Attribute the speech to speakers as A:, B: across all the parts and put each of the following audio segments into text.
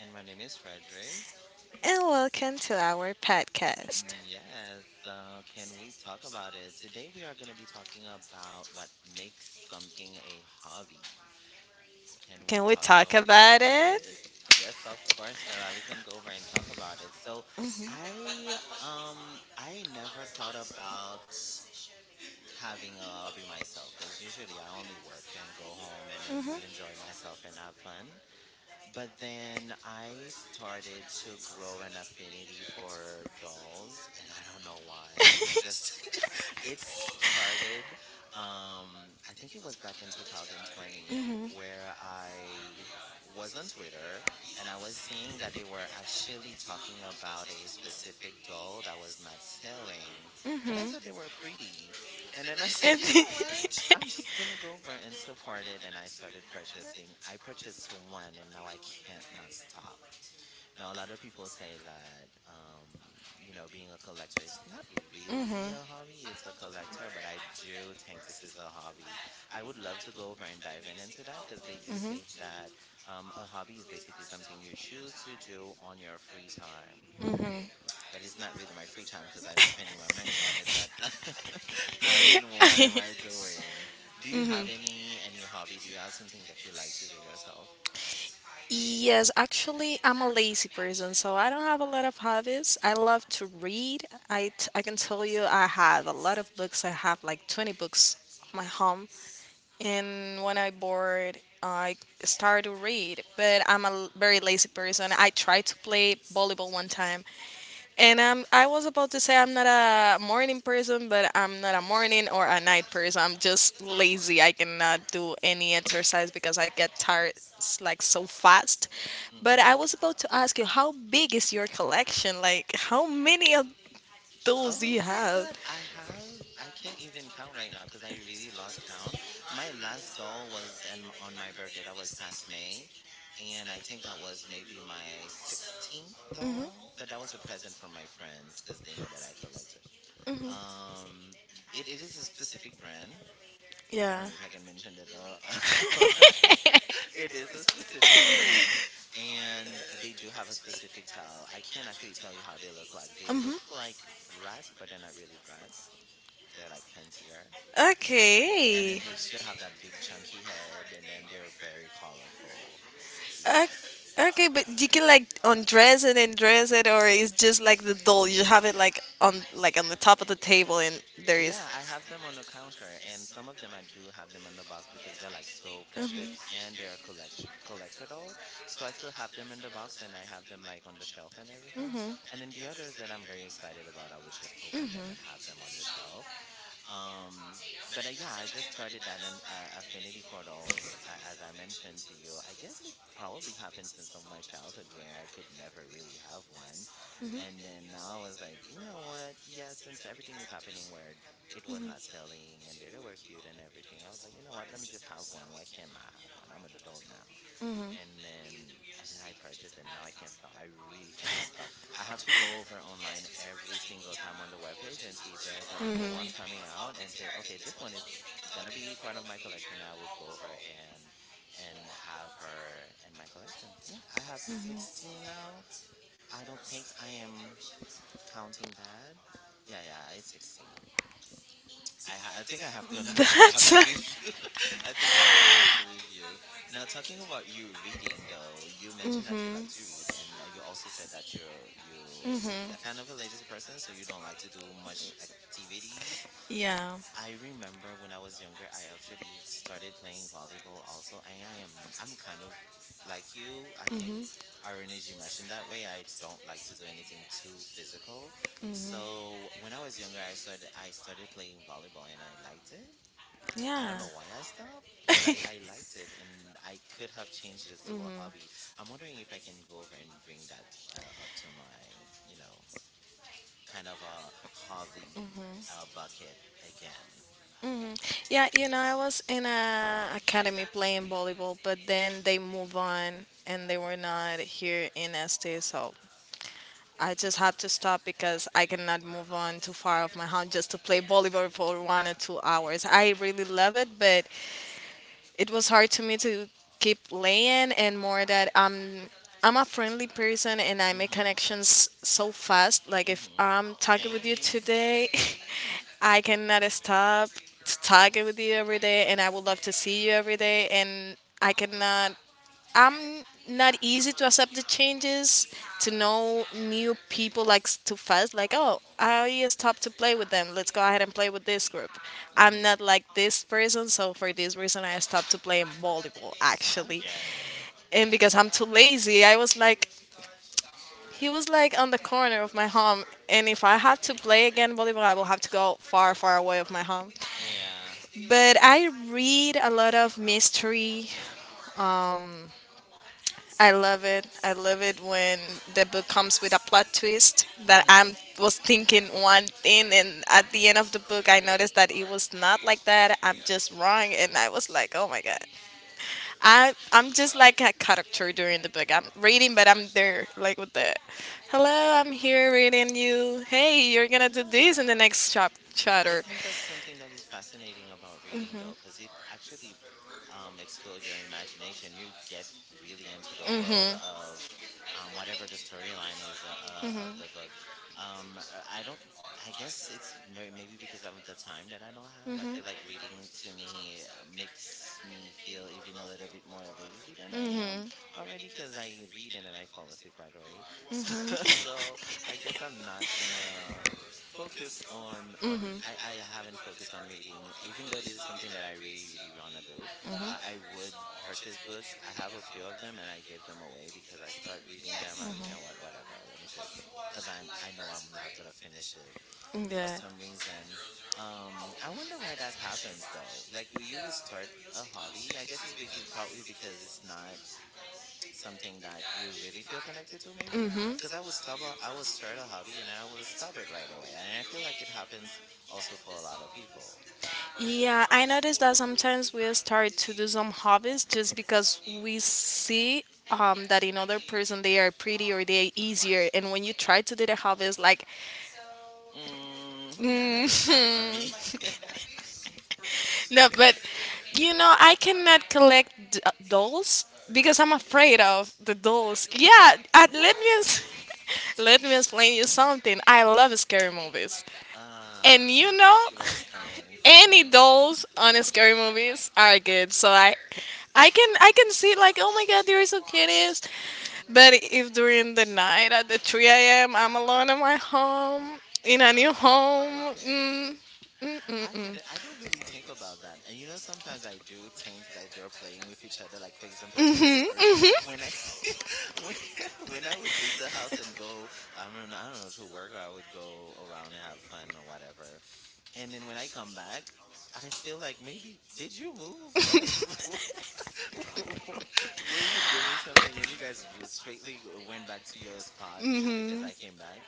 A: And my name is Frederick.
B: and welcome to our podcast.
A: Yes, can we talk about it? Today we are going to be talking about what makes something a hobby. Can we
B: Can we
A: talk
B: talk about
A: about
B: it?
A: it? Yes, of course, Perla. We can go over and talk about it. So, I never thought about having a hobby myself because usually I only work and go home and,
B: Mhm.
A: and enjoy myself and have fun. But then I started to grow an affinity for dolls, and I don't know why. It's just it started I think it was back in 2020 where I was on Twitter and I was seeing that they were actually talking about a specific doll that was not selling and I thought they were pretty and then I said, "You know what? I'm just going to go over and support it." And I started purchasing. I purchased one and now I can't not stop. Now, a lot of people say that, being a collector is not really a hobby. It's a collector, but I do think this is a hobby. I would love to go over and dive in into that because they do say that a hobby is basically something you choose to do on your free time. But it's not really my free time because I'm spending my money on it. But I mean, what am I doing? Do you have any hobby? Do you have something that you like to do yourself?
B: Yes, actually, I'm a lazy person, so I don't have a lot of hobbies. I love to read. I can tell you I have a lot of books. I have like 20 books at my home. And when I bored, I start to read, but very lazy person. I tried to play volleyball one time, and I was about to say I'm not a morning person, but I'm not a morning or a night person. I'm just lazy. I cannot do any exercise because I get like so fast. But
A: Hmm.
B: I was about to ask you, how big is your collection? Like, how many of those do you
A: Oh my
B: have?
A: god, I can't even count right now because I really lost count. My last doll was on my birthday. That was past May, and I think that was maybe my 16th doll, but that was a present from my friends because they know that I collect it. Um, it is a specific brand. I don't
B: Yeah.
A: know if I can mention it, or it is a specific brand and they do have a specific towel. I can't actually tell you how they look like. They look like brats, but they're not really brats. They're like fancier. And then
B: Okay.
A: they still have that big chunky head and then they're very colorful.
B: O-
A: Yes.
B: Okay, but you can like undress it and dress it, or it's just like the doll. You have it like on the top of the table, and there is
A: Yeah, I have them on a counter and some of them I do have them in the box because they're like so precious
B: um,
A: and they're collector dolls. So I still have them in the box and I have them like on the shelf and everything. And then the others that I'm very excited about, I would just open them and have them on the shelf. Um, but yeah, I just started that an affinity for dolls, as I mentioned to you. I guess it probably happened since of my childhood where I could never really have one. And then now I was like, you know what? Yeah, since everything is happening where it was not selling and they were cute and everything, I was like, you know what? Let me just have one. Why can't I have one? I'm an adult now and then and then I purchased and now I can't stop. I really cannot stop. I have to go over online every single time on the webpage and see if there's a new one coming out and say, okay, this one is gonna be part of my collection. I would go over and have her in my collection. Yeah, I have 16 now. I don't think I am counting bad. Yeah, yeah, it's 16. I think I have gonna I'm gonna have
B: that's
A: to I think I'm gonna have to with you. Now, talking about you reading, though, you mentioned that you like to read, and you also said that you're you a
B: hmm
A: kind of a ladies person, so you don't like to do much activities.
B: yeah,
A: I remember when I was younger, I actually started playing volleyball also, and I'm kind of like you. I think Irene, as you mentioned that way, I don't like to do anything too physical. So when I was younger, I started playing volleyball, and I liked it. I
B: yeah,
A: don't know why I stopped, but I, I liked it and I could have changed this to a hobby. I'm wondering if I can go over and bring that up to my, you know, kind of a hobby bucket again.
B: yeah. You know, I was in a academy playing volleyball, but then they move on and they were not here in ST, so I just had to stop because I cannot move on too far of my home just to play volleyball for 1 or 2 hours. I really love it, but it was hard to me to keep laying and more that I'm a friendly person and I make
A: Mhm.
B: connections so fast. Like if
A: Mhm.
B: I'm talking with you
A: Same.
B: today, I cannot stop to talking with you every day and I would love to see you every day and I cannot. I'm not easy to accept the changes, to know new people like too fast. Like, oh, I stopped to play with them. Let's go ahead and play with this group. I'm
A: Mhm.
B: not like this person, so for this reason, I stopped to playing volleyball
A: I
B: actually.
A: get it.
B: And because I'm too lazy, I was like, he was like on the corner of my home, and if I had to play again volleyball, I will have to go far, far away of my home.
A: Yeah.
B: But I read a lot of mystery. I love it. I love it when the book comes with a plot twist that I
A: Mhm.
B: was thinking one thing, and at the end of the book, I noticed that it was not like that. I'm just wrong, and I was like, oh my god. I'm just like a character during the book. I'm reading, but I'm there, like with the, hello, I'm here reading you. Hey, you're gonna do this in the
A: Yeah.
B: next
A: I
B: chapter.
A: think that's something that is fascinating about reading, though, because it actually explores your imagination. You get really into the world of whatever the storyline is of the book. Um, I don't. I guess it's maybe because of the time that I don't have. I feel like reading to me makes me feel even a little bit more lazy than I am already because I read and then I fall asleep right away. So I guess I'm not gonna focus on. I haven't focused on reading even though this is something that I really really want to do. I would purchase books. I have a few of them and I give them away because I start reading them like, you know what, whatever, let me just, because I know I'm not gonna finish it for
B: Yeah.
A: some reason. I wonder why that happens though. Like you would start a hobby. I guess it's because probably because it's not something that you really feel connected to maybe,
B: Mm-hmm.
A: because I would start a hobby and I would stop it right away and I feel like it happens also for a lot of people.
B: Yeah, I noticed that sometimes we start to do some hobbies just because we see that in other person they are pretty or they are easier, and when you try to do the hobbies, like
A: Nah, nah, that's not for me.
B: no, but you know I cannot collect dolls because I'm afraid of the dolls. Yeah, let me.
A: What?
B: Let me explain you something. I love scary movies. And you
A: uh
B: know,
A: I see where it's coming
B: any
A: from.
B: dolls on scary movies are good. So I, I can see like, oh my god, they're so cuties. But if during the night at the 3 a.m. I'm alone in my home, in a new
A: Oh, I
B: home.
A: get
B: Mm,
A: it. I get it. I don't really think about that. And you know, sometimes I do think like they're playing with each other. Like for example, Toy
B: mhm,
A: Story. When I when when I would leave the house and go, I don't know, I don't know, to work, or I would go around and have fun or whatever. And then when I come back, I feel like maybe did you move or like were you doing something and you guys just straightly went back to your spot just because I came back?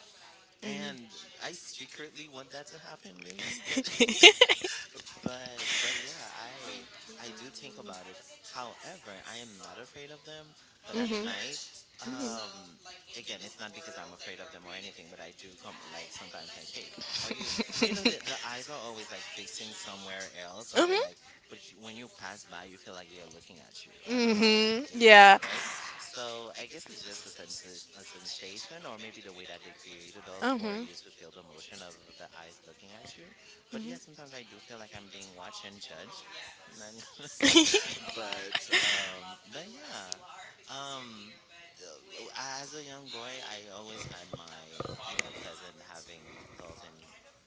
A: And I secretly want that to happen, really, but but yeah, I do think about it. However, I am not afraid of them. But at night, um, again, it's not because I'm afraid of them or anything. But I do come like sometimes think, hey, are you? You know, the eyes are always like fixing somewhere else, or
B: mhm,
A: they're like. But you, when you pass by, you feel like they are looking at you. I don't know.
B: mhm,
A: If it, yeah,
B: yeah.
A: right. So I guess it's just a sensation, or maybe the way that they created us for
B: Mhm.
A: you to feel the motion of the eyes looking at you. But yeah, sometimes I do feel like I'm being watched and judged. None- But yeah, um, uh, well, as a young boy, I always had my, you know, cousin having dolls, and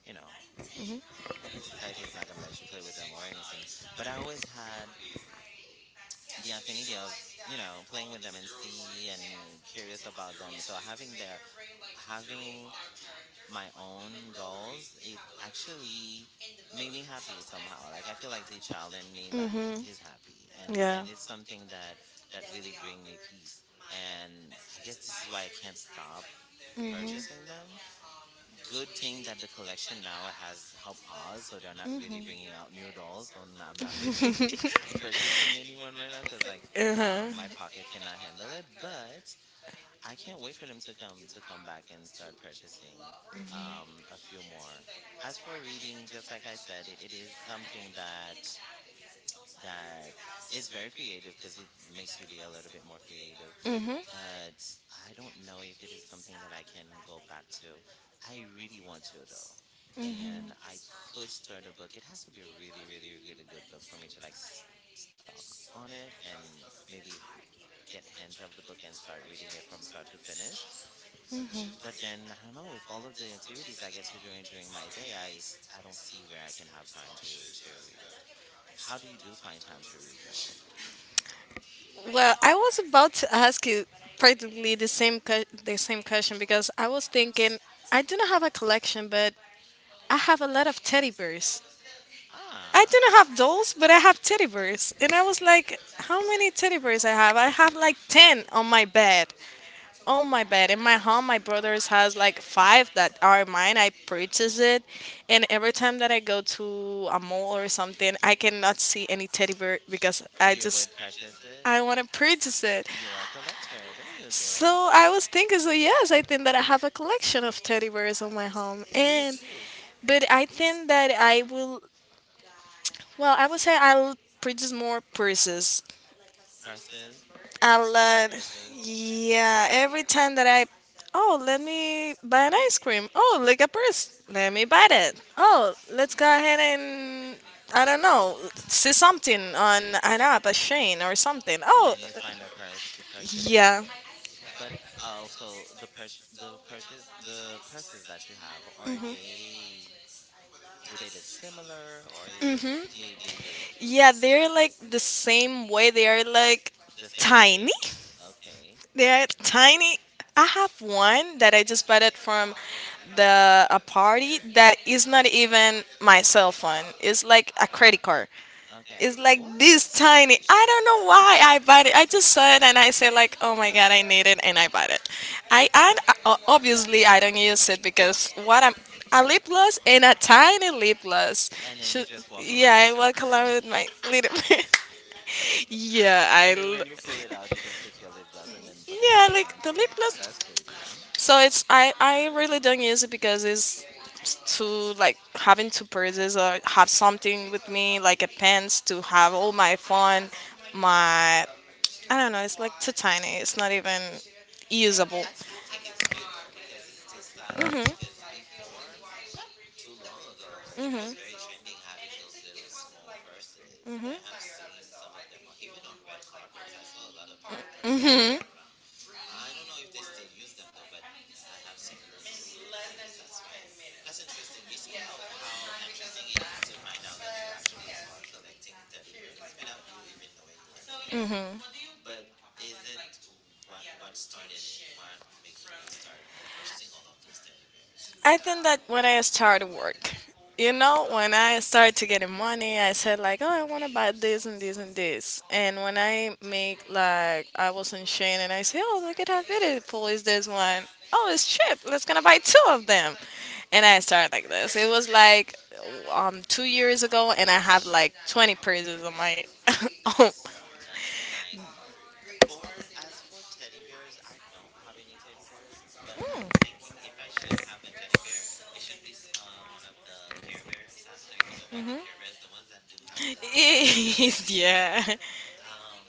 A: you know, society is not gonna let you play with them or anything. But I always had the affinity of, you know, playing with them and see and curious about them. So having my own dolls, it actually made me happy somehow. Like I feel like the child in me, like
B: mhm,
A: he's happy, and
B: yeah.
A: and it's something that really bring me peace. And I guess this is why I can't stop purchasing them. Good thing that the collection now has help pause, so they're not really bringing out new dolls. So I'm not really purchasing anyone right now because like.
B: Uh-huh.
A: My pocket cannot handle it, but I can't wait for them to come back and start purchasing a few more. As for reading, just like I said, it is something that is very creative because it makes you be a little bit more creative.
B: Mm-hmm.
A: But I don't know if it is something that I can go back to. I really want to though. And I could start a book. It has to be a really, really, really good book for me to like stock on it and maybe get a hinge of the book and start reading it from start to finish. But then I don't know, with all of the activities I get to do during my day, I don't see where I can have time to read. How do you do find time to read though?
B: Well, I was about to ask you practically the the same question because I was thinking I do not have a collection, but I have a lot of teddy bears. I
A: Ah,
B: do not have dolls, but I have teddy bears, and I was like, how many teddy bears I have? I have like ten on my bed, on my bed. In my home, my brothers has like five that are mine. I purchased it, and every time that I go to a mall or something, I cannot see any teddy bear because I
A: you would
B: just
A: purchase it.
B: I want to purchase it.
A: You are a collector. There you go.
B: So I was thinking, so yes, I think that I have a collection of teddy bears on my home,
A: You
B: and
A: do
B: but I think that I will. Well, I would say I'll purchase more purses.
A: purses.
B: I'll,
A: You like
B: uh,
A: purses,
B: yeah, every time that I, oh, let me buy an ice cream. Oh, like a purse. Let me buy that. Oh, let's go ahead and I don't know, see something on an app, a Shane or something.
A: and
B: Oh,
A: then you find a purse. You purchase it.
B: yeah.
A: But also, the purch the purchase the purses that you have, are they do they look similar, or is it, they do.
B: Yeah, they're
A: Okay.
B: like the same way. They are like
A: The same
B: tiny.
A: shape. Okay.
B: They are tiny. I have one that I just bought it from the a party that is not even my cell phone. It's like a credit card.
A: Okay.
B: It's like
A: What?
B: this tiny. I don't know why I bought it. I just saw it and I said like, oh my god, I need it, and I bought it. I and obviously I don't use it because what I'm a lip gloss and a tiny lip gloss.
A: And then you
B: Should,
A: just walk around
B: yeah, I
A: with your
B: walk
A: person.
B: around with my little. yeah,
A: And then when you pull it out, you just take your lip gloss and then put it
B: yeah,
A: back in.
B: like the lip
A: Oh,
B: gloss.
A: that's crazy.
B: So it's I really don't use it because it's too like having two purses or have something with me like a pants to have all my phone my I don't know. It's like too tiny. It's not even
A: Well,
B: usable.
A: I still think it's cute though because it's still stylish. Because before, not too long ago, it was very trending having those little small purses. I have seen some of them on, even on red carpets. I saw a lot of little purses.
B: Mhm.
A: I don't know if they still use them though, but I have seen those. Those. That's fun. That's interesting. You see how interesting it is to find out that you actually are collecting teddy bears without you even knowing you were doing that.
B: Mhm.
A: But is it, what started it? What makes you start purchasing all of those teddy bears?
B: I think that when I started work, you know, when I started to getting money, I said like, oh, I want to buy this and this and this. And when I make like, I was in Shane and I say, oh, look at how beautiful is this one. Oh, it's cheap. Let's gonna buy two of them. And I started like this. It was
A: Yeah,
B: like 2 years ago, and I have like 20 purses on my.
A: that
B: oh,
A: that's nice. For, as for teddy bears, I don't have any teddy bears, but I'm thinking if I should have a teddy bear, it should be one of the Care Bears. I don't know if you know about the Care Bears, the ones that do have a little sign on their belly.
B: yeah.
A: Um,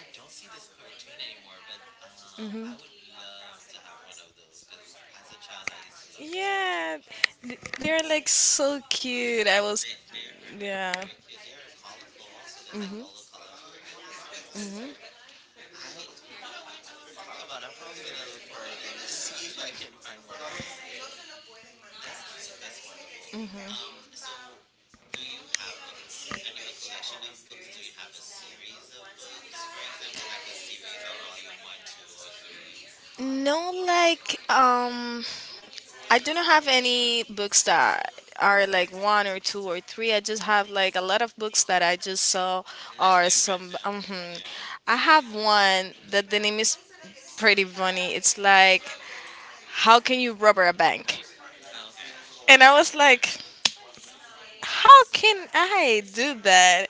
A: I don't see this cartoon anymore, but I would love to have one of those because as a child, I used to love this cartoon
B: Yeah,
A: a lot.
B: they're like so cute. I was,
A: They are
B: yeah.
A: very cute. They are colorful also. They're like all the color of the rainbows or something like this. You know what? Now I'm thinking about it. I'm probably gonna look for it and then see if I can find one of those. That's nice. That's wonderful. Um, so do you have in your collection of books? Do you have a series of books, for example, like a series of volume one, two, or three,
B: No, like, I do not have any books that are like one or two or three. I just have like a lot of books that I just saw
A: like
B: or
A: they're
B: some.
A: random? Yeah.
B: I have one that the name is pretty funny. It's like, how can you rob a bank?
A: Oh, okay.
B: And
A: I,
B: I was
A: okay.
B: like, how can I do that?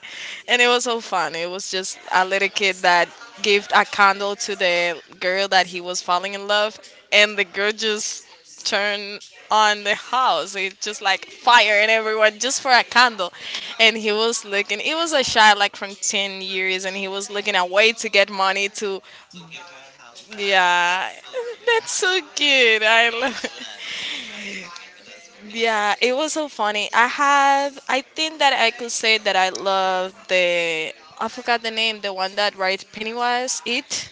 B: And it was so fun. It was just a little kid that gave a candle to the girl that he was falling in love, and the girl just turned on the house. It just like fire and everyone just for a candle. And he was looking, it was a child like from 10 years, and he was looking a way to get money to,
A: So give her her house back?
B: yeah,
A: That's so cute.
B: that's so
A: That's so
B: good.
A: cute.
B: I
A: Don't
B: love
A: do that though, ladies and gentlemen. But that's very cute.
B: yeah, it was so funny. I have, I think that I could say that I love the, I forgot the name, the one that writes Pennywise, It.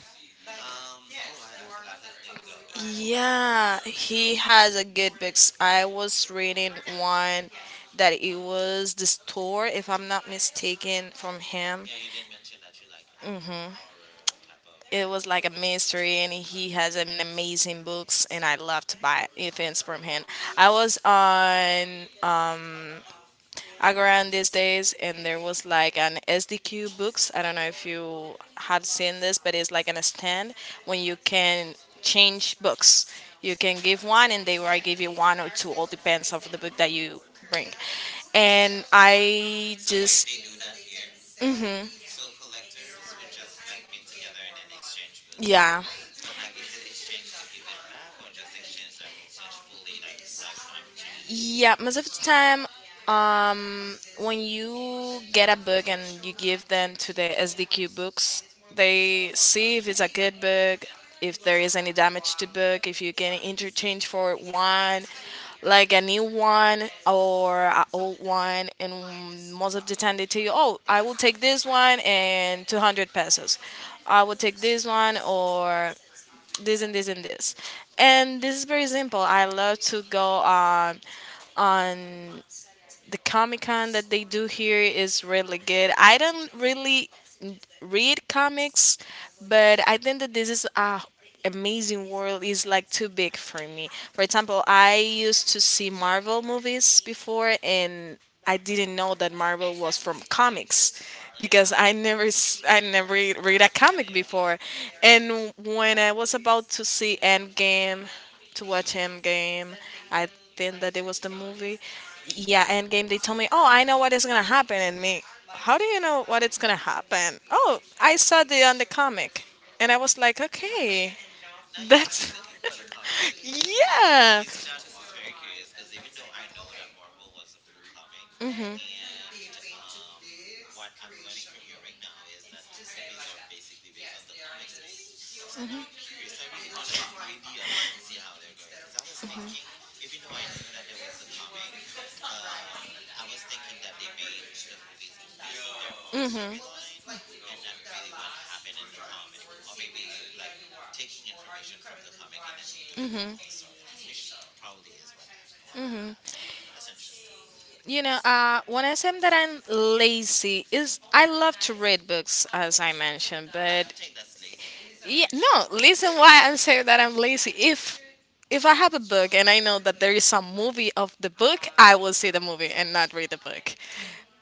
A: Oh, I forgot his name though.
B: Yeah, he has a good books. I was reading one that it was the store, if I'm not mistaken, from him.
A: Yeah, you did mention that you like horror type of,
B: It was like a
A: but,
B: mystery, and he has an amazing books, and I love to buy events from him. I was on Agoran these days, and there was like an SDQ books. I don't know if you had seen this, but it's like an stand when you can change books. You can give one, and they will give you one or two. All depends of the book that
A: hmm.
B: you bring. And I
A: So wait,
B: just,
A: they do that here?
B: hmm
A: So collectors would just like meet together and then exchange books.
B: yeah.
A: But like, is it exchange to give it back, or just exchange like exchange fully, like lifetime change?
B: Yeah, most of the time, when you get a book and you give them to the SDQ books, they see if it's a good book, if there is any damage to book, if you can interchange for one, like a new one or an old one, and most of the time they tell you, oh, I will take this one and 200 pesos. I will take this one or this and this and this. And this is very simple. I love to go on on the Comic Con that they do here is really good. I don't really read comics, but I think that this is a amazing world is like too big for me. For example, I used to see Marvel movies before
A: Hmm.
B: and I didn't know that Marvel was from comics because
A: Yeah,
B: I never s- I never read a
A: yeah,
B: comic
A: they are.
B: before. And when I was about to see Endgame, to watch Endgame, I think that it was the movie yeah, Endgame, they told me, oh, I know what is gonna happen, and me, how do you know what it's gonna happen? Oh, I saw the on the comic, and I was like, okay,
A: Now you started
B: that's
A: looking for the comics, and we done too.
B: yeah.
A: You see, now this is very curious because even though I know that Marvel was a full comic,
B: Mm-hmm.
A: and um, what I'm learning from you right now is that the movies are basically based on the comics, maybe. So now I'm curious. I really want to read the others and see how they're going. Because I was thinking, even though I knew that there was a comic, um, I was thinking that they made the movies based on their own
B: Mm-hmm.
A: storyline and not really what happened in the comics, or maybe like taking information from the comic and then doing their own storyline, which probably is what that what had happened. That's interesting.
B: You know, when I say that I'm lazy, is I love to read books, as I mentioned.
A: I
B: But
A: don't think that's lazy, Rico, for
B: yeah,
A: you to read.
B: no, listen, why I'm saying that I'm lazy. If I have a book and I know that there is some movie of the book, I will see the movie and not read the book.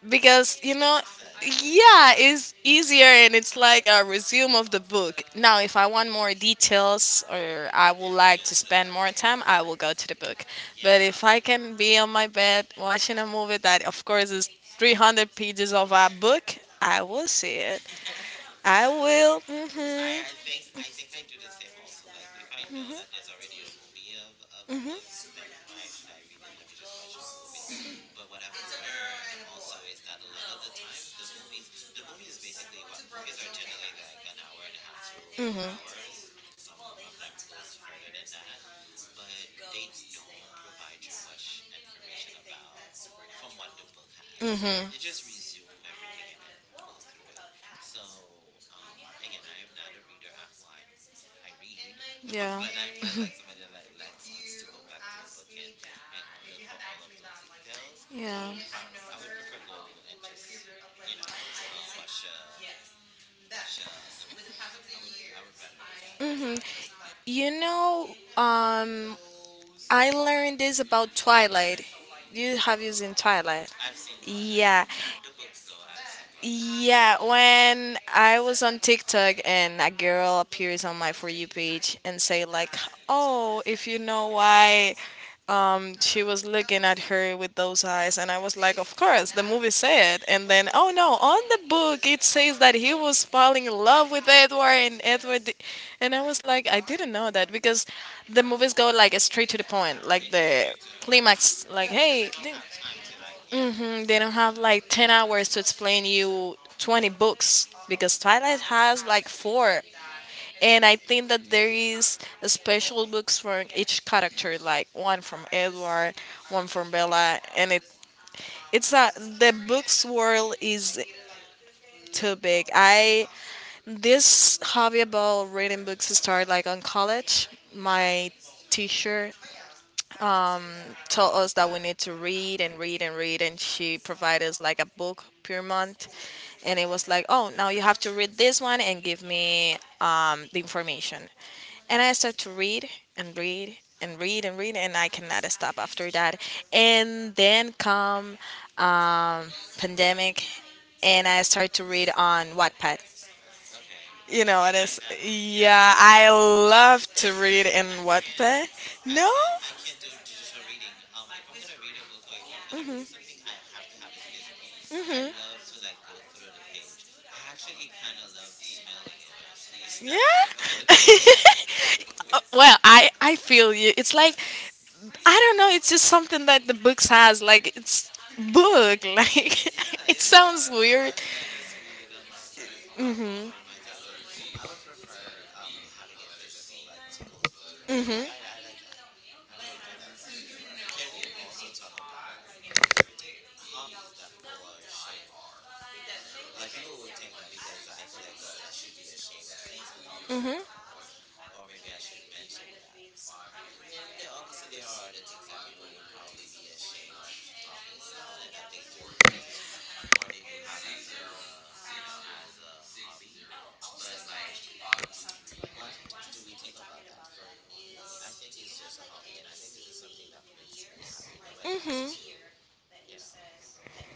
B: Because
A: It makes sense.
B: yeah, it's easier and it's like a resume of the book. Now if I want more details or I would
A: You would
B: like
A: go
B: to
A: to the book.
B: spend more time, I will go to the book. But
A: Yeah.
B: if I can be on my bed watching a movie that of course is 300 pages of a book, I will see it. I will
A: I think I do the same also. Like if I know that there's already a movie of a
B: hmm
A: book, then why should I read it? Let me just watch the movie. But what I've learned also is that a lot of the times the movies, the movie is basically, what movies are generally like an hour and a half to two
B: hmm
A: hours. Some of them goes further than that, but they don't provide you much information about from what the book has.
B: Mhm.
A: You just resume everything and then go through it. So again, I am not a reader. Well, I read,
B: Yeah,
A: but I'm not like somebody that like, likes books to go back to a book and look for all of those details. So I
B: yeah
A: would I would prefer go and just, you know, uh, watch uh, watch the movie. I would rather do that.
B: hmm you know, um, I learned this about Twilight. You
A: Hmm.
B: have used in Twilight.
A: I've seen Twilight,
B: Yeah.
A: not the books though. I've seen Twilight.
B: Yeah, when I was on TikTok and a girl appears on my For You page and say like, "Oh, if you know why she was looking at her with those eyes," and I was like, "Of course, the movie said." And then, oh no, on the book it says that he was falling in love with Edward and and I was like, I didn't know that because the movies go like straight to the point, like
A: It gets
B: the
A: twisted up more.
B: climax, like,
A: Yeah, because they
B: "Hey,
A: don't have time to like. Yeah.
B: They don't have like 10 hours to explain you 20 books because Twilight has like four." And I think
A: I
B: that
A: see.
B: there is a special books for each character, like one from Edward, one from Bella, and it it's a the books world is too big. I this hobby about reading books started like on college.
A: Mhm,
B: My teacher told us that we need to read and read and read, and she provided us like a book per month, and it was like, oh, now you have to read this one and give me the information. And I
A: mhm.
B: started to read and read and read, and I cannot stop after that. And then come um, pandemic, and I started to read on Wattpad.
A: Okay.
B: You
A: And
B: know
A: you
B: what
A: like
B: is
A: that? Yeah.
B: Yeah, I love to read in
A: I can't.
B: Wattpad.
A: I
B: No.
A: can't. I can't do digital reading. If I'm gonna read a book, or if I'm gonna read something, I have to have it physical. I love to like go through the page. I actually kind of love smelling it. Also, is
B: Yeah.
A: that weird? Okay. Wait,
B: Well, I feel you. It's like I don't know. It's just something that the books has. Like it's book. Like
A: yeah,
B: it
A: it is a
B: sounds
A: book. So why
B: weird.
A: would I just read it on my on my phone or on my tablet? I would prefer having it physical, like to go through the page. I
B: Mhm.
A: I, I like that. I really do like that. Can we also talk about hobbies that people are ashamed of? Like, people would think that because I collect dolls, I should be ashamed of saying that I collect dolls, or maybe I should mention that. And then there, obviously, there are other things that people would probably be ashamed of talking about, and that they do collect or they do have as a, you know, as a hobby. But like, what do we think about that? For me, I think it's just a hobby, and I think this is something that makes me happy. Nobody has to,
B: Mhm.
A: you know,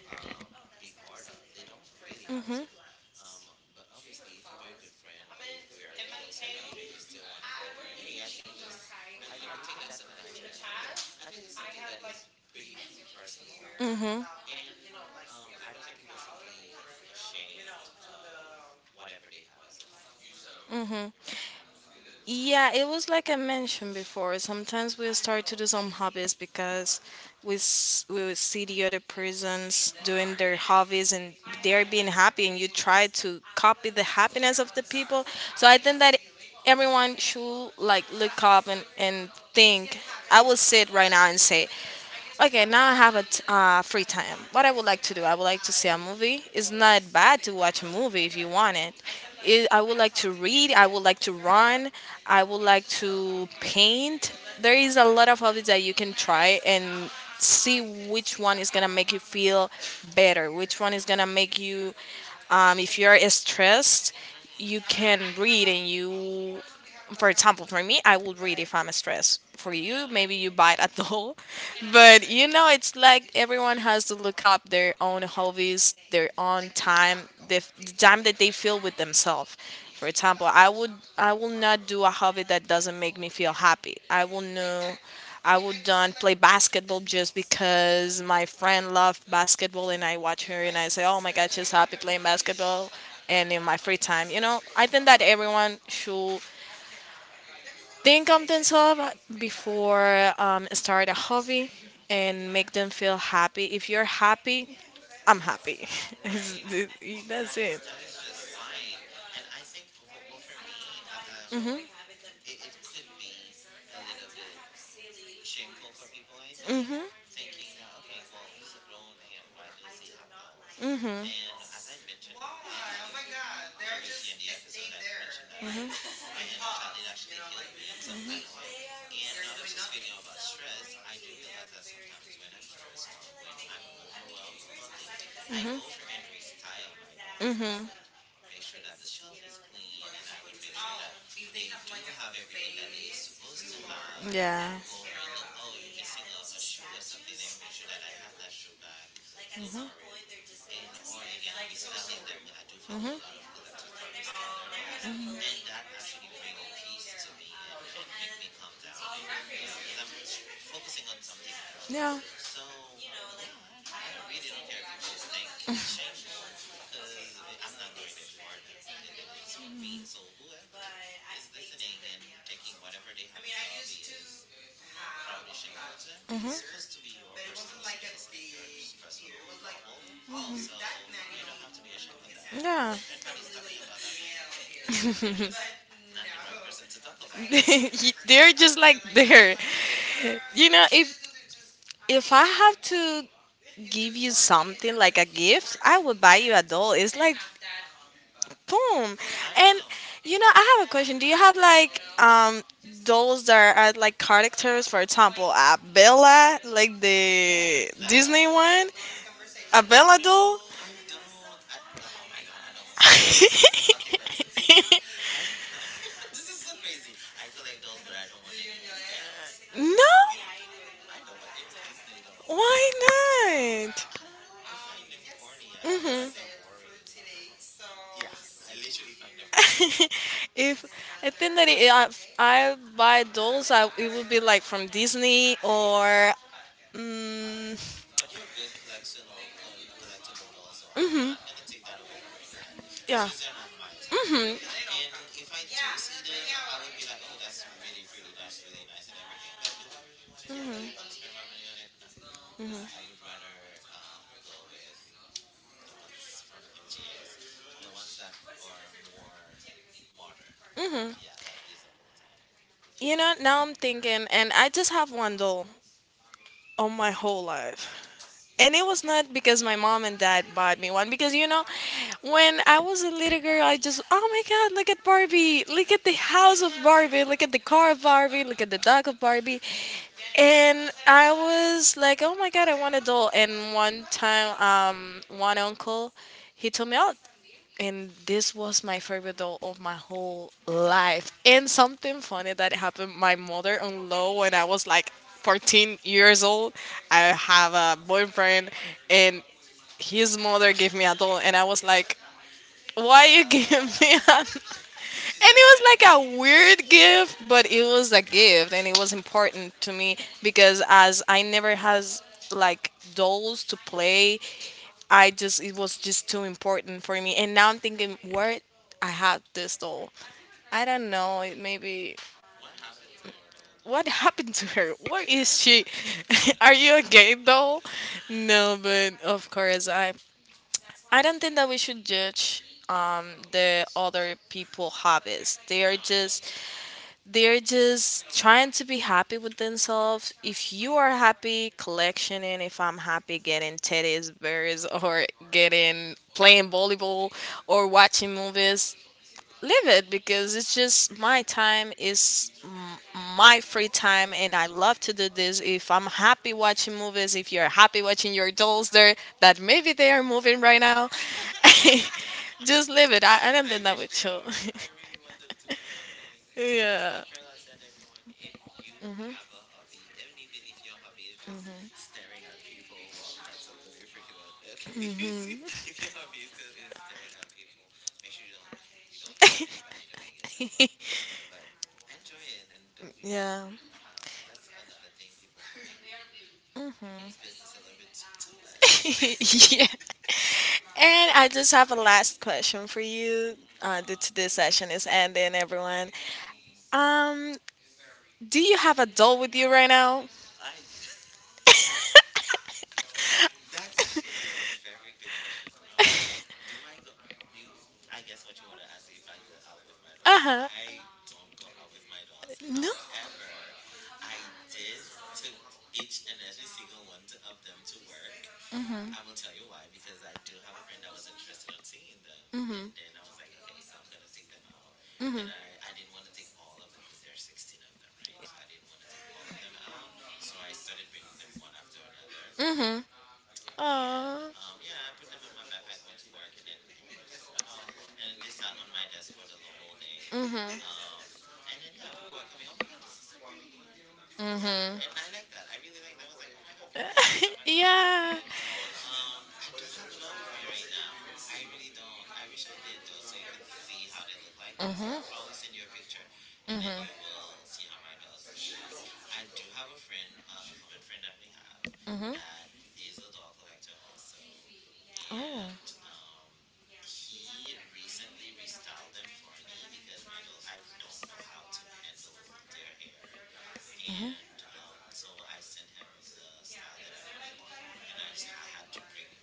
A: um, be part of. They don't really have to. Um, but obviously, if you're my good friend or if we are close enough and you still want to go over, hey, I think this, I would think that's a nice gesture, but I think it's something that is pretty personal. And I don't think people should be ashamed of whatever they have as a hobby, right? You know?
B: Yeah, it was like I mentioned before. Sometimes we start to do some hobbies because we would see the other persons doing their hobbies and they're being happy, and you try to copy the happiness of the people. So I think that everyone should like look up and think. I will sit right now and say, okay, now I have a free time. What I would like to do, I would like to see a movie. It's not bad to watch a movie if you want it. I would like to read. I would like to run. I would like to paint. There is a lot of hobbies that you can try and see which one is gonna make you feel better. Which one is gonna make you, if you're stressed, you
A: Hmm.
B: can read. And you, for example, for me, I would read if I'm stressed. For
A: Yeah.
B: you, maybe you bite at all. But you know, it's like everyone has to look up their own hobbies, their own time, the the time that they feel with themselves. For
A: Hmm.
B: example, I will not do a hobby that doesn't make me feel happy. I will no, I would not play basketball just because my friend loved basketball and I watch her and I say, oh my god, she's happy playing basketball and in
A: Hmm.
B: my free time. You know, I think that everyone should think of themselves before start a hobby and make them feel happy. If you're happy, I'm happy. It's-
A: Right? That
B: That's
A: is
B: it.
A: just fine. And I think, for me, it, it could be a little bit shameful for people, I think, thinking that, okay, well, he's a grown man. Why does he have dolls? And as I mentioned uh, uh, previously in the episode, I did mention that for my inner child, it actually healed me in some kind of way. And now that you're speaking about stress, I do realize that sometimes when I'm stressed or when I'm overwhelmed about things, I go over and restyle my dolls. I
B: Hmm
A: would make sure that the shelf is clean, and I would make sure that they do have everything that they are supposed to have. I
B: Yeah.
A: would go over and look, oh, you're missing a, shoe or something. Let me make sure that I have that shoe back. Look for it. And or again, restyling them. I do follow a lot of collectors that restyle their dolls, and that actually bring peace to me and make me calm down and, you know, because focusing on something else.
B: Yeah.
A: So yeah, I know, I really don't care if people think it's shameful, because I'm not doing it for them. It is for me. So whoever is listening and thinking whatever they have as a hobby is probably shameful to them, it's supposed to be your personal space and your personal bubble, so you don't have to be ashamed of that. And
B: Yeah.
A: if anybody's talking about that, then they're just not the right person to talk about it.
B: They're just like there. You
A: Exactly.
B: know, if I have to give you something like a gift, I would buy you a doll. It's like boom.
A: I
B: And
A: know.
B: you know, I have a question. Do you have like dolls that are like characters? For example, Abella, like the
A: Like,
B: Disney one, Abella doll.
A: no, I don't. I, oh my God, I don't want to say this. I want to, okay, but the thing is, I, this is so crazy. I collect those, but I don't want any Disney dolls.
B: No,
A: Don't give- no, no, I don't want any Disney dolls. I
B: why not?
A: I don't know. I find them corny. I find that like
B: Hmm
A: they're boring. Yeah, I literally find them boring. Like,
B: if I think that if I buy dolls, I, it would be like from Disney or mm,
A: but they're good collectional collectible dolls, though. I'm not gonna take that away from anybody. It's
B: yeah.
A: just they're not my type. And if I do see them, I would be like, oh, that's really pretty, that's really nice and everything. But do I really want it? Do I really want to spend my money on it? No. I would rather go with the ones from MGA, the ones that are more modern.
B: hmm
A: Yeah, that these are the ones that I like.
B: You know, now I'm thinking, and I just have one doll on my whole life. And it was not because my mom and dad bought me one, because you know, when I was a little girl, I just, oh my god, look at Barbie, look at the house of Barbie, look at the car of Barbie, look at the dog of Barbie. And I was like, oh my god, I want a doll. And one time, one uncle, he told me, oh, and this was my favorite doll of my whole life. And something funny that happened, my mother-in-law, when I was like 14 years old, I
A: Yes.
B: have a boyfriend and his mother gave me a doll and I was like, why you
A: Uh,
B: give me a
A: she
B: and
A: said,
B: it
A: reminded.
B: was like a weird gift, but it was a gift and it was important to me because as I never has like dolls to play, I just it was just too important for me. And now I'm thinking where I had this doll. I don't know, it maybe
A: What happened to your doll, though?
B: what happened to her? Where is she? Are you a gay doll? No, but of course I don't think that we should judge the other people hobbies. They
A: No,
B: are
A: I don't
B: just
A: think so.
B: they're just trying to be happy with themselves. If you are happy collectioning, if I'm happy getting teddy bears or getting playing volleyball or watching movies, live it because it's just my time my free time and I love to do this. If I'm happy watching movies, if you're happy watching your dolls there that maybe they are moving right now, just live it. I don't
A: I
B: think that
A: wish
B: would
A: they
B: show.
A: are. I really want them to be moving. It's just like
B: Yeah.
A: Carla said, everyone, if you have a hobby, and even if your hobby is just staring at people, well, that's a little freaking out. Okay, if your hobby is staring at people, make sure you don't hurt anybody doing it though. But but enjoy it and do you.
B: Yeah.
A: That's another thing people mind people's business a little bit too much.
B: Yeah. And I just have a last question for you. Due to this session is ending, everyone.
A: hmm
B: Um, do you have a doll with you right now?
A: I That's actually a very good question. Do I go? Do you, I guess what you want to ask me if I go out with my dolls?
B: Uh huh.
A: I don't go out with my dolls.
B: No.
A: However, I did took each and every single one of them to work. I will tell you why, because I do have a friend that was interested on seeing them, and then I was like, okay, so I'm gonna take them out, and I didn't want to take all of them because there are 16 of them, right? So I didn't want to take all of them out, so I started bringing them one after another and
B: Oh.
A: yeah, I put them in my backpack, went to work, and then hey, this is my doll, and then they sat on my desk for the whole day.
B: Mhm.
A: Um, and then yeah, people are coming. Oh my god, this is so pretty. You want- Yeah, and I like that. I really like that. I was like, oh my god, people are looking at my dolls. They like
B: Yeah.
A: it. I don't have a doll with me right now. I really don't. I wish I did though, so you could see how they look like. But I'll
B: Mhm.
A: probably send you a picture, and then
B: Mhm.
A: you will see how my dolls look like. I do have a friend, a common friend that we have, that is a doll collector also,
B: Mhm. Oh.
A: and um, he recently restyled them for me because my dog I don't know how to handle their hair, and so I sent him the style that I wanted, and I had to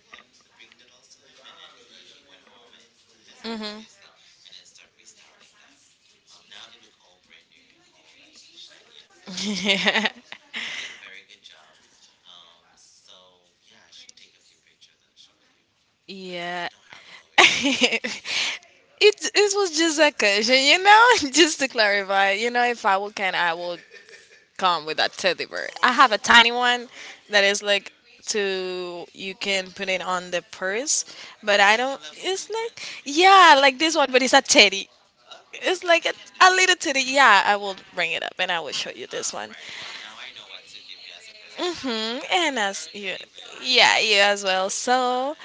A: bring the dolls to him, and then he went home and- to his house
B: Mm-hmm.
A: obviously, and then start restyling them. Now they look all brand new and all like shiny and stuff. I'm like, wow, he did a very good job. Um, so yeah, I should take a few pictures and show you. Oh, no, I
B: Yeah.
A: don't have it all with me. Right.
B: It was just a question, you know? Just to clarify, you know, if I would can, I will come with a teddy bear. I have a tiny one that is like to you can put it on the purse,
A: Yeah,
B: but I
A: like the
B: don't.
A: Labubu
B: It's
A: ones.
B: like
A: You could,
B: yeah, like this
A: yeah.
B: one, but it's a teddy.
A: Well,
B: It's
A: then
B: like
A: you can do.
B: a little titty. Yeah, I will bring it up and I will show you this
A: All
B: one.
A: right. Well, now I know what to give you as a present. It could be
B: Hmm,
A: either a book
B: and
A: or
B: as
A: a
B: you,
A: teddy bear.
B: yeah, you as well.
A: Nice.
B: So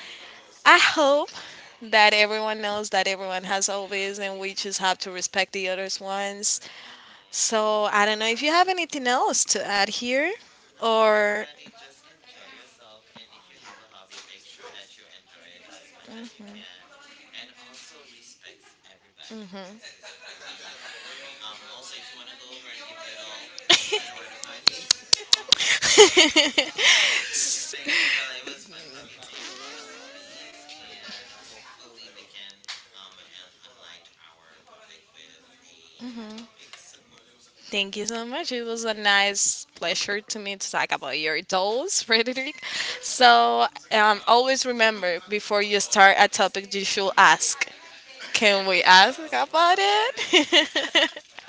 B: I hope that everyone knows that everyone has hobbies and we just have to respect the others' ones.
A: Mm-hmm.
B: So I don't know if you have anything else to add here
A: No,
B: or.
A: everybody, just enjoy yourself. And if you have a hobby, make sure that you enjoy it as much as you can. And also respect everybody else's hobby. Also, if you want to go over and give me a doll, you know where to find me. Thank you, Perla. It was fun talking to you about the hobbies, and hopefully we can and unlight our public with a new topic soon.
B: Thank you so much. It was a
A: Yeah,
B: nice pleasure to me to talk about your dolls, Frederick. So always remember before you start a topic, you should ask.
A: can
B: Can we
A: we
B: ask
A: talk
B: about
A: about it?
B: it?